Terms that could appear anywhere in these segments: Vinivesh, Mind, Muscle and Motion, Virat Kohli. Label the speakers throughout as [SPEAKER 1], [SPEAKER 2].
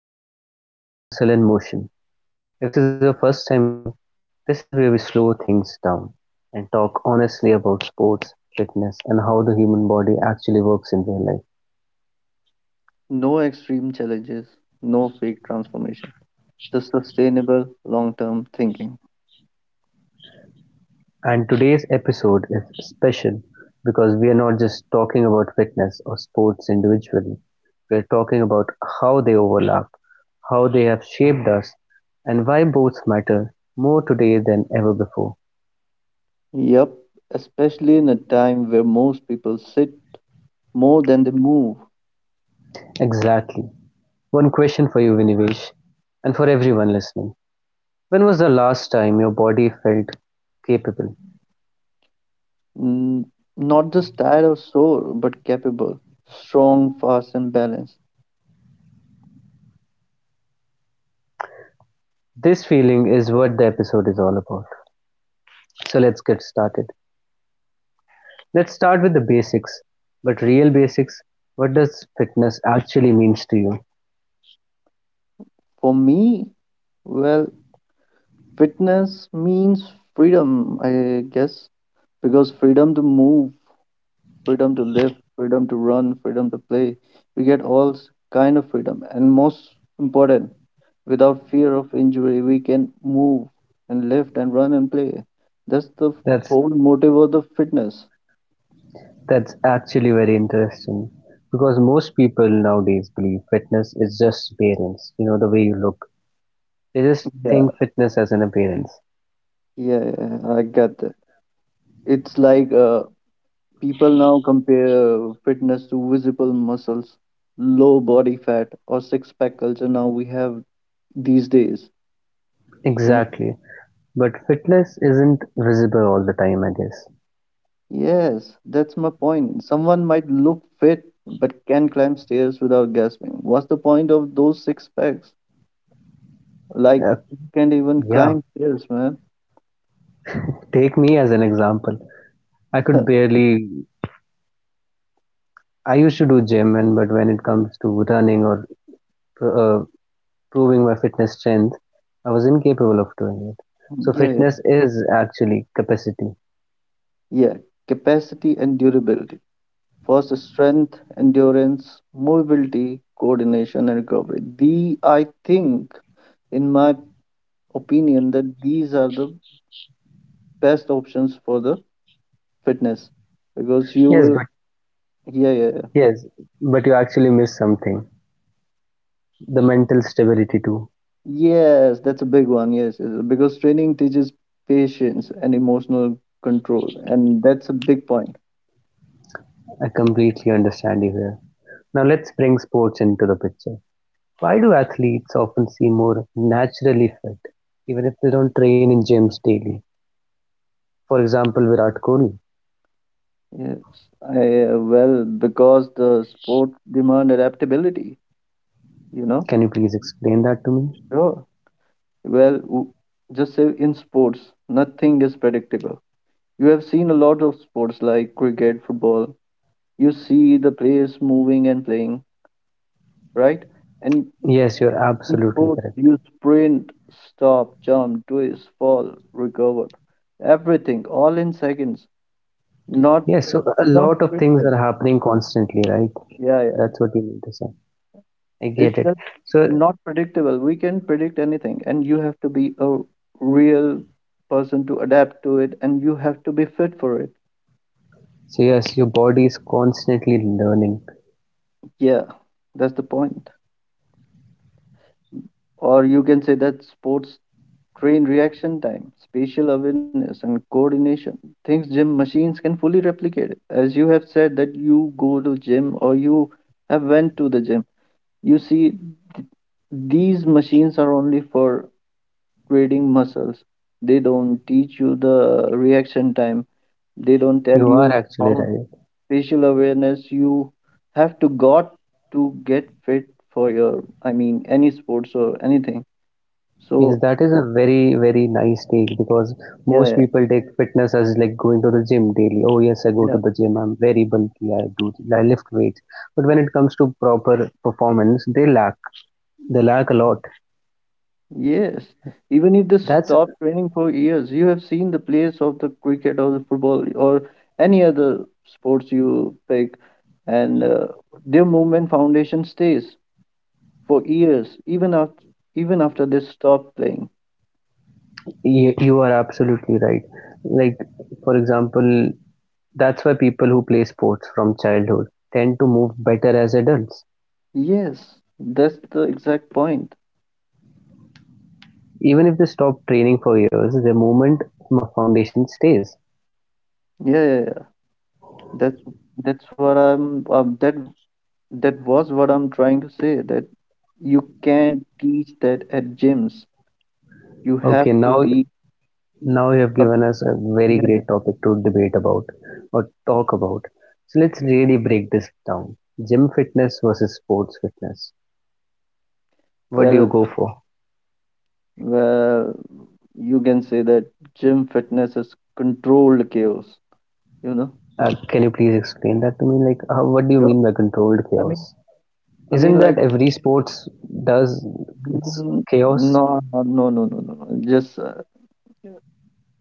[SPEAKER 1] You've turned into Mind, Muscle and Motion. If this is your first time here, this is where we slow things down and talk honestly about sports, fitness and how the human body actually works in real life.
[SPEAKER 2] No extreme challenges, no fake transformation, just sustainable long term thinking.
[SPEAKER 1] And today's episode is special because we are not just talking about fitness or sports individually. We're talking about how they overlap, how they have shaped us and why both matter more today than ever before.
[SPEAKER 2] Yep, especially in a time where most people sit more than they move.
[SPEAKER 1] Exactly. One question for you Vinivesh and for everyone listening. When was the last time your body felt capable?
[SPEAKER 2] N- Not just tired or sore, but capable, strong, fast, and balanced.
[SPEAKER 1] This feeling is what the episode is all about. So let's get started. Let's start with the basics, but real basics. What does fitness actually means to you?
[SPEAKER 2] For me, well, fitness means freedom, I guess, because freedom to move freedom to live, freedom to run, freedom to play. We get all kind of freedom, and most important, without fear of injury, we can move and lift and run and play. That's the
[SPEAKER 1] That's
[SPEAKER 2] whole motive of the fitness.
[SPEAKER 1] that's actually very interesting because most people nowadays believe fitness is just appearance, the way you look. They just
[SPEAKER 2] Yeah,
[SPEAKER 1] think fitness as an appearance.
[SPEAKER 2] yeah, I get that. It's like people now compare fitness to visible muscles, low body fat, or six pack culture. Now we have these days, you know.
[SPEAKER 1] Exactly. But fitness isn't visible all the time, I guess.
[SPEAKER 2] Yes, that's my point. Someone might look fit but can climb stairs without gasping. What's the point of those six packs? Like,
[SPEAKER 1] Uh,
[SPEAKER 2] you can't even
[SPEAKER 1] yeah,
[SPEAKER 2] climb stairs, man.
[SPEAKER 1] take me as an example. I could barely. I used to do gym, and but when it comes to running or uh, proving my fitness strength, I was incapable of doing it. So
[SPEAKER 2] Yeah, yeah.
[SPEAKER 1] fitness is actually capacity.
[SPEAKER 2] Yeah, capacity and durability. First, strength, endurance, mobility, coordination, and recovery. The I think, in my opinion, that these are the best options for the fitness because you
[SPEAKER 1] Yes,
[SPEAKER 2] will.
[SPEAKER 1] but
[SPEAKER 2] Yeah, yeah.
[SPEAKER 1] yes, but you actually miss something. The mental stability too.
[SPEAKER 2] Yes, that's a big one. Yes, yes, because training teaches patience and emotional control, and that's a big point.
[SPEAKER 1] I completely understand you here. Now let's bring sports into the picture. Why do athletes often seem more naturally fit, even if they don't train in gyms daily? For example, Virat Kohli.
[SPEAKER 2] Yes, well, because the sport demand adaptability, you know.
[SPEAKER 1] Can you please explain that to me?
[SPEAKER 2] Sure. Well, just say in sports, nothing is predictable. You have seen a lot of sports like cricket, football. You see the players moving and playing, right? And
[SPEAKER 1] Yes, you're absolutely
[SPEAKER 2] food,
[SPEAKER 1] correct.
[SPEAKER 2] you sprint, stop, jump, twist, fall, recover. Everything, all in seconds. Not,
[SPEAKER 1] Yes, so a
[SPEAKER 2] not
[SPEAKER 1] lot of things
[SPEAKER 2] predictable.
[SPEAKER 1] are happening constantly, right?
[SPEAKER 2] Yeah.
[SPEAKER 1] That's what you mean to say. I get
[SPEAKER 2] It's
[SPEAKER 1] it.
[SPEAKER 2] just
[SPEAKER 1] So,
[SPEAKER 2] not predictable. We can predict anything, and you have to be a real person to adapt to it, and you have to be fit for it.
[SPEAKER 1] so yes, your body is constantly learning.
[SPEAKER 2] Yeah, that's the point. Or you can say that sports train reaction time, spatial awareness, and coordination. Things gym machines can fully replicate. As you have said that you go to gym or you have went to the gym, you see th- these machines are only for creating muscles. They don't teach you the reaction time. They don't tell
[SPEAKER 1] You are
[SPEAKER 2] you
[SPEAKER 1] actually
[SPEAKER 2] how
[SPEAKER 1] right.
[SPEAKER 2] spatial awareness you have to got to get fit for your, I mean, any sports or anything.
[SPEAKER 1] Yes,
[SPEAKER 2] So
[SPEAKER 1] that is a very, very nice take because
[SPEAKER 2] yeah,
[SPEAKER 1] most
[SPEAKER 2] yeah.
[SPEAKER 1] people take fitness as like going to the gym daily. Oh, yes, I go
[SPEAKER 2] yeah.
[SPEAKER 1] to the gym. I'm very bulky. I lift weights. But when it comes to proper performance, they lack a lot.
[SPEAKER 2] Yes, even if they
[SPEAKER 1] That's,
[SPEAKER 2] stop training for years, you have seen the players of the cricket or the football or any other sports you pick, and their movement foundation stays for years, even after they stop playing.
[SPEAKER 1] you are absolutely right. Like, for example, that's why people who play sports from childhood tend to move better as adults.
[SPEAKER 2] Yes, that's the exact point.
[SPEAKER 1] Even if they stop training for years, their movement foundation stays.
[SPEAKER 2] Yeah. That's that's what I'm that that was what I'm trying to say that you can teach that at gyms. You have
[SPEAKER 1] Okay,
[SPEAKER 2] to be
[SPEAKER 1] now Now you
[SPEAKER 2] a
[SPEAKER 1] have given us a very
[SPEAKER 2] yeah,
[SPEAKER 1] great topic to debate about or talk about. So let's really break this down. Gym fitness versus sports fitness. What do
[SPEAKER 2] well.
[SPEAKER 1] you go for?
[SPEAKER 2] Well, you can say that gym fitness is controlled chaos, you know?
[SPEAKER 1] Can you please explain that to me? Like, how, what do you
[SPEAKER 2] Yeah.
[SPEAKER 1] mean by controlled
[SPEAKER 2] I mean,
[SPEAKER 1] chaos?
[SPEAKER 2] I
[SPEAKER 1] Isn't
[SPEAKER 2] mean,
[SPEAKER 1] that
[SPEAKER 2] like,
[SPEAKER 1] every sports does? It's
[SPEAKER 2] mm,
[SPEAKER 1] chaos.
[SPEAKER 2] no, no, no, no, no, no. Just, uh,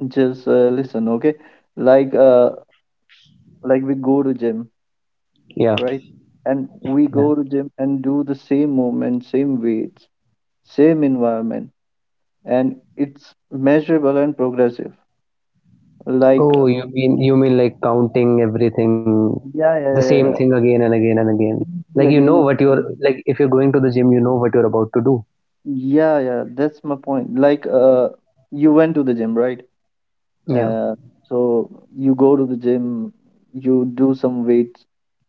[SPEAKER 2] just uh, listen, okay? Like, uh, like we go to gym,
[SPEAKER 1] Yeah.
[SPEAKER 2] right? And we
[SPEAKER 1] yeah.
[SPEAKER 2] go to gym and do the same movement, same weights, same environment, and it's measurable and progressive. Like,
[SPEAKER 1] Oh,
[SPEAKER 2] uh,
[SPEAKER 1] you mean like counting everything,
[SPEAKER 2] yeah,
[SPEAKER 1] the
[SPEAKER 2] yeah,
[SPEAKER 1] same
[SPEAKER 2] yeah,
[SPEAKER 1] thing
[SPEAKER 2] yeah.
[SPEAKER 1] again and again and again. Like
[SPEAKER 2] Again,
[SPEAKER 1] you know
[SPEAKER 2] and
[SPEAKER 1] what you're
[SPEAKER 2] again.
[SPEAKER 1] like. If you're going to the gym, you know what you're about to do.
[SPEAKER 2] Yeah, yeah, that's my point. You went to the gym, right?
[SPEAKER 1] Yeah.
[SPEAKER 2] Uh, so you go to the gym, you do some weights.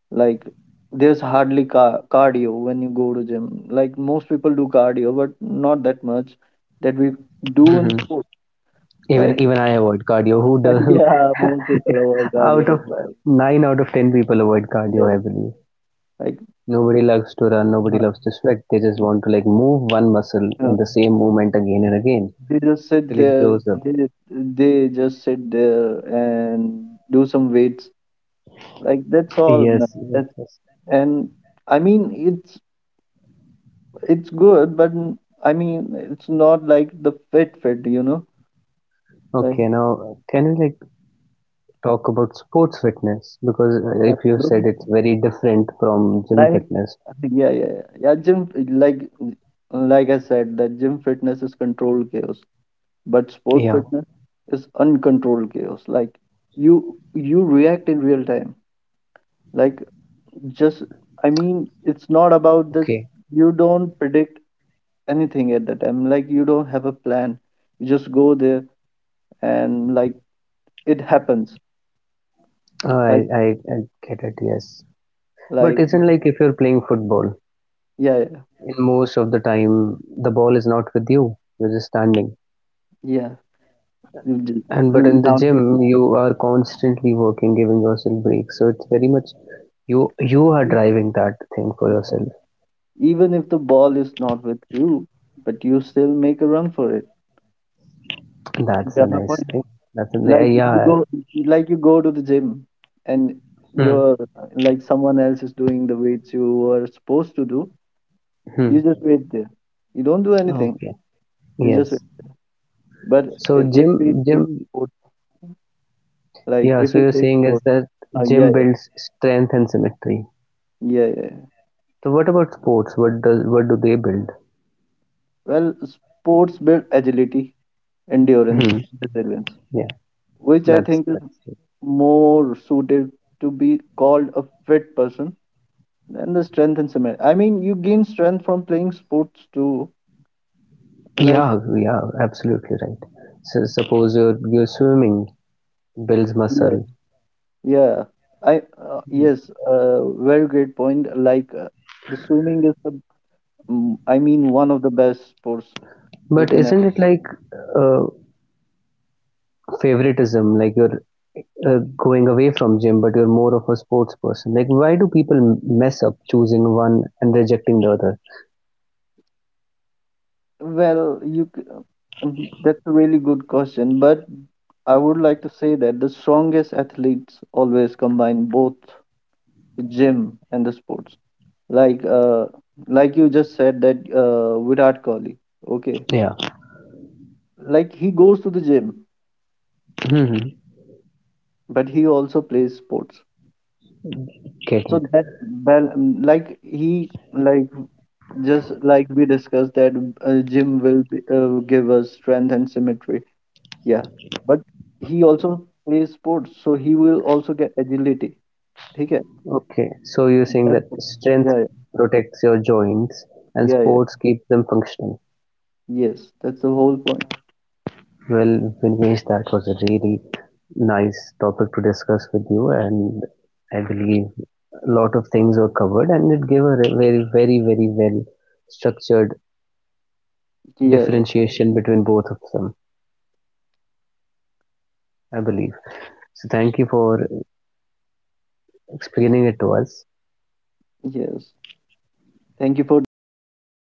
[SPEAKER 2] Like, there's hardly ca cardio when you go to gym. Like most people do cardio, but not that much that we do in sport.
[SPEAKER 1] Even
[SPEAKER 2] Like,
[SPEAKER 1] even I avoid cardio. Who does?
[SPEAKER 2] yeah, most people avoid
[SPEAKER 1] out
[SPEAKER 2] cardio.
[SPEAKER 1] of
[SPEAKER 2] Yeah,
[SPEAKER 1] Nine out of ten people avoid cardio
[SPEAKER 2] yeah.
[SPEAKER 1] heavily.
[SPEAKER 2] Like,
[SPEAKER 1] Nobody loves to run. Nobody
[SPEAKER 2] uh,
[SPEAKER 1] loves to sweat. They just want to like move one muscle in
[SPEAKER 2] uh,
[SPEAKER 1] the same movement again and again
[SPEAKER 2] they just
[SPEAKER 1] till
[SPEAKER 2] sit
[SPEAKER 1] it
[SPEAKER 2] there.
[SPEAKER 1] blows up.
[SPEAKER 2] They just sit there and do some weights. Like that's all, man. That's
[SPEAKER 1] Yes.
[SPEAKER 2] And I mean, it's good, but I mean, it's not like the fit, you know,
[SPEAKER 1] Okay.
[SPEAKER 2] like
[SPEAKER 1] Now can we like talk about sports fitness because if you said it's
[SPEAKER 2] absolutely.
[SPEAKER 1] very different from gym
[SPEAKER 2] like
[SPEAKER 1] fitness.
[SPEAKER 2] yeah, yeah, yeah, yeah. Gym like I said, that gym fitness is controlled chaos, but
[SPEAKER 1] Yeah.
[SPEAKER 2] sport fitness is uncontrolled chaos. Like you react in real time. Like just I mean, it's not about this.
[SPEAKER 1] Okay.
[SPEAKER 2] You don't predict anything at the time. Like you don't have a plan. You just go there and like it happens
[SPEAKER 1] Uh, I
[SPEAKER 2] like
[SPEAKER 1] I, I get it. Yes. But
[SPEAKER 2] like
[SPEAKER 1] isn't like if you're playing football,
[SPEAKER 2] yeah
[SPEAKER 1] in most of the time the ball is not with you, you're just standing,
[SPEAKER 2] yeah
[SPEAKER 1] and but in the
[SPEAKER 2] now
[SPEAKER 1] gym you are constantly working, giving yourself breaks, so it's very much you you are driving that thing for yourself.
[SPEAKER 2] even if the ball is not with you but you still make a run for it.
[SPEAKER 1] That's a
[SPEAKER 2] Yeah, my
[SPEAKER 1] nice
[SPEAKER 2] point.
[SPEAKER 1] thing. That's a there
[SPEAKER 2] like you
[SPEAKER 1] Yeah.
[SPEAKER 2] go like you go to the gym and
[SPEAKER 1] Hmm.
[SPEAKER 2] you're like someone else is doing the weights you were supposed to do. You
[SPEAKER 1] Hmm.
[SPEAKER 2] just wait there, you don't do anything,
[SPEAKER 1] Okay.
[SPEAKER 2] you just
[SPEAKER 1] Yes.
[SPEAKER 2] wait. But
[SPEAKER 1] so
[SPEAKER 2] I-
[SPEAKER 1] gym
[SPEAKER 2] if we
[SPEAKER 1] gym
[SPEAKER 2] take sports like
[SPEAKER 1] Yeah,
[SPEAKER 2] if
[SPEAKER 1] so
[SPEAKER 2] we
[SPEAKER 1] you're
[SPEAKER 2] take
[SPEAKER 1] saying is
[SPEAKER 2] sports,
[SPEAKER 1] that gym
[SPEAKER 2] yeah, yeah,
[SPEAKER 1] builds strength and symmetry.
[SPEAKER 2] yeah, yeah.
[SPEAKER 1] So what about sports? What does, what do they build?
[SPEAKER 2] Well, sports build agility, endurance,
[SPEAKER 1] Hmm.
[SPEAKER 2] resilience,
[SPEAKER 1] Yeah.
[SPEAKER 2] which I think is
[SPEAKER 1] That's
[SPEAKER 2] more suited to be called a fit person than the strength and cement. I mean, you gain strength from playing sports too. Like,
[SPEAKER 1] Yeah, yeah, absolutely right. So suppose you're swimming, builds
[SPEAKER 2] yeah,
[SPEAKER 1] muscle,
[SPEAKER 2] yeah. I yes, very great point. The swimming is the, I mean, one of the best sports you
[SPEAKER 1] but
[SPEAKER 2] can
[SPEAKER 1] isn't
[SPEAKER 2] ever.
[SPEAKER 1] it like uh, favoritism? Like you're going away from gym, but you're more of a sports person. Like why do people mess up choosing one and rejecting the other?
[SPEAKER 2] Well, that's a really good question, but I would like to say that the strongest athletes always combine both gym and the sports, like uh like you just said, that Virat Kohli, okay,
[SPEAKER 1] Yeah,
[SPEAKER 2] like he goes to the gym
[SPEAKER 1] hmm,
[SPEAKER 2] but he also plays sports.
[SPEAKER 1] get it.
[SPEAKER 2] So that bal- like he like just like we discussed, that gym will be, give us strength and symmetry, yeah, but he also plays sports so he will also get agility. ठीक है.
[SPEAKER 1] Okay, so you're saying
[SPEAKER 2] That's
[SPEAKER 1] that strength
[SPEAKER 2] yeah yeah
[SPEAKER 1] protects your joints and
[SPEAKER 2] yeah yeah
[SPEAKER 1] sports keep them functional.
[SPEAKER 2] yes that's the whole point.
[SPEAKER 1] Well, Vinvesh, that was a really nice topic to discuss with you, and I believe a lot of things were covered, and it gave a very, very, very well structured
[SPEAKER 2] Yeah, yeah.
[SPEAKER 1] differentiation between both of them, I believe. So, thank you for explaining it to us.
[SPEAKER 2] Yes. Thank you for discussing it with me.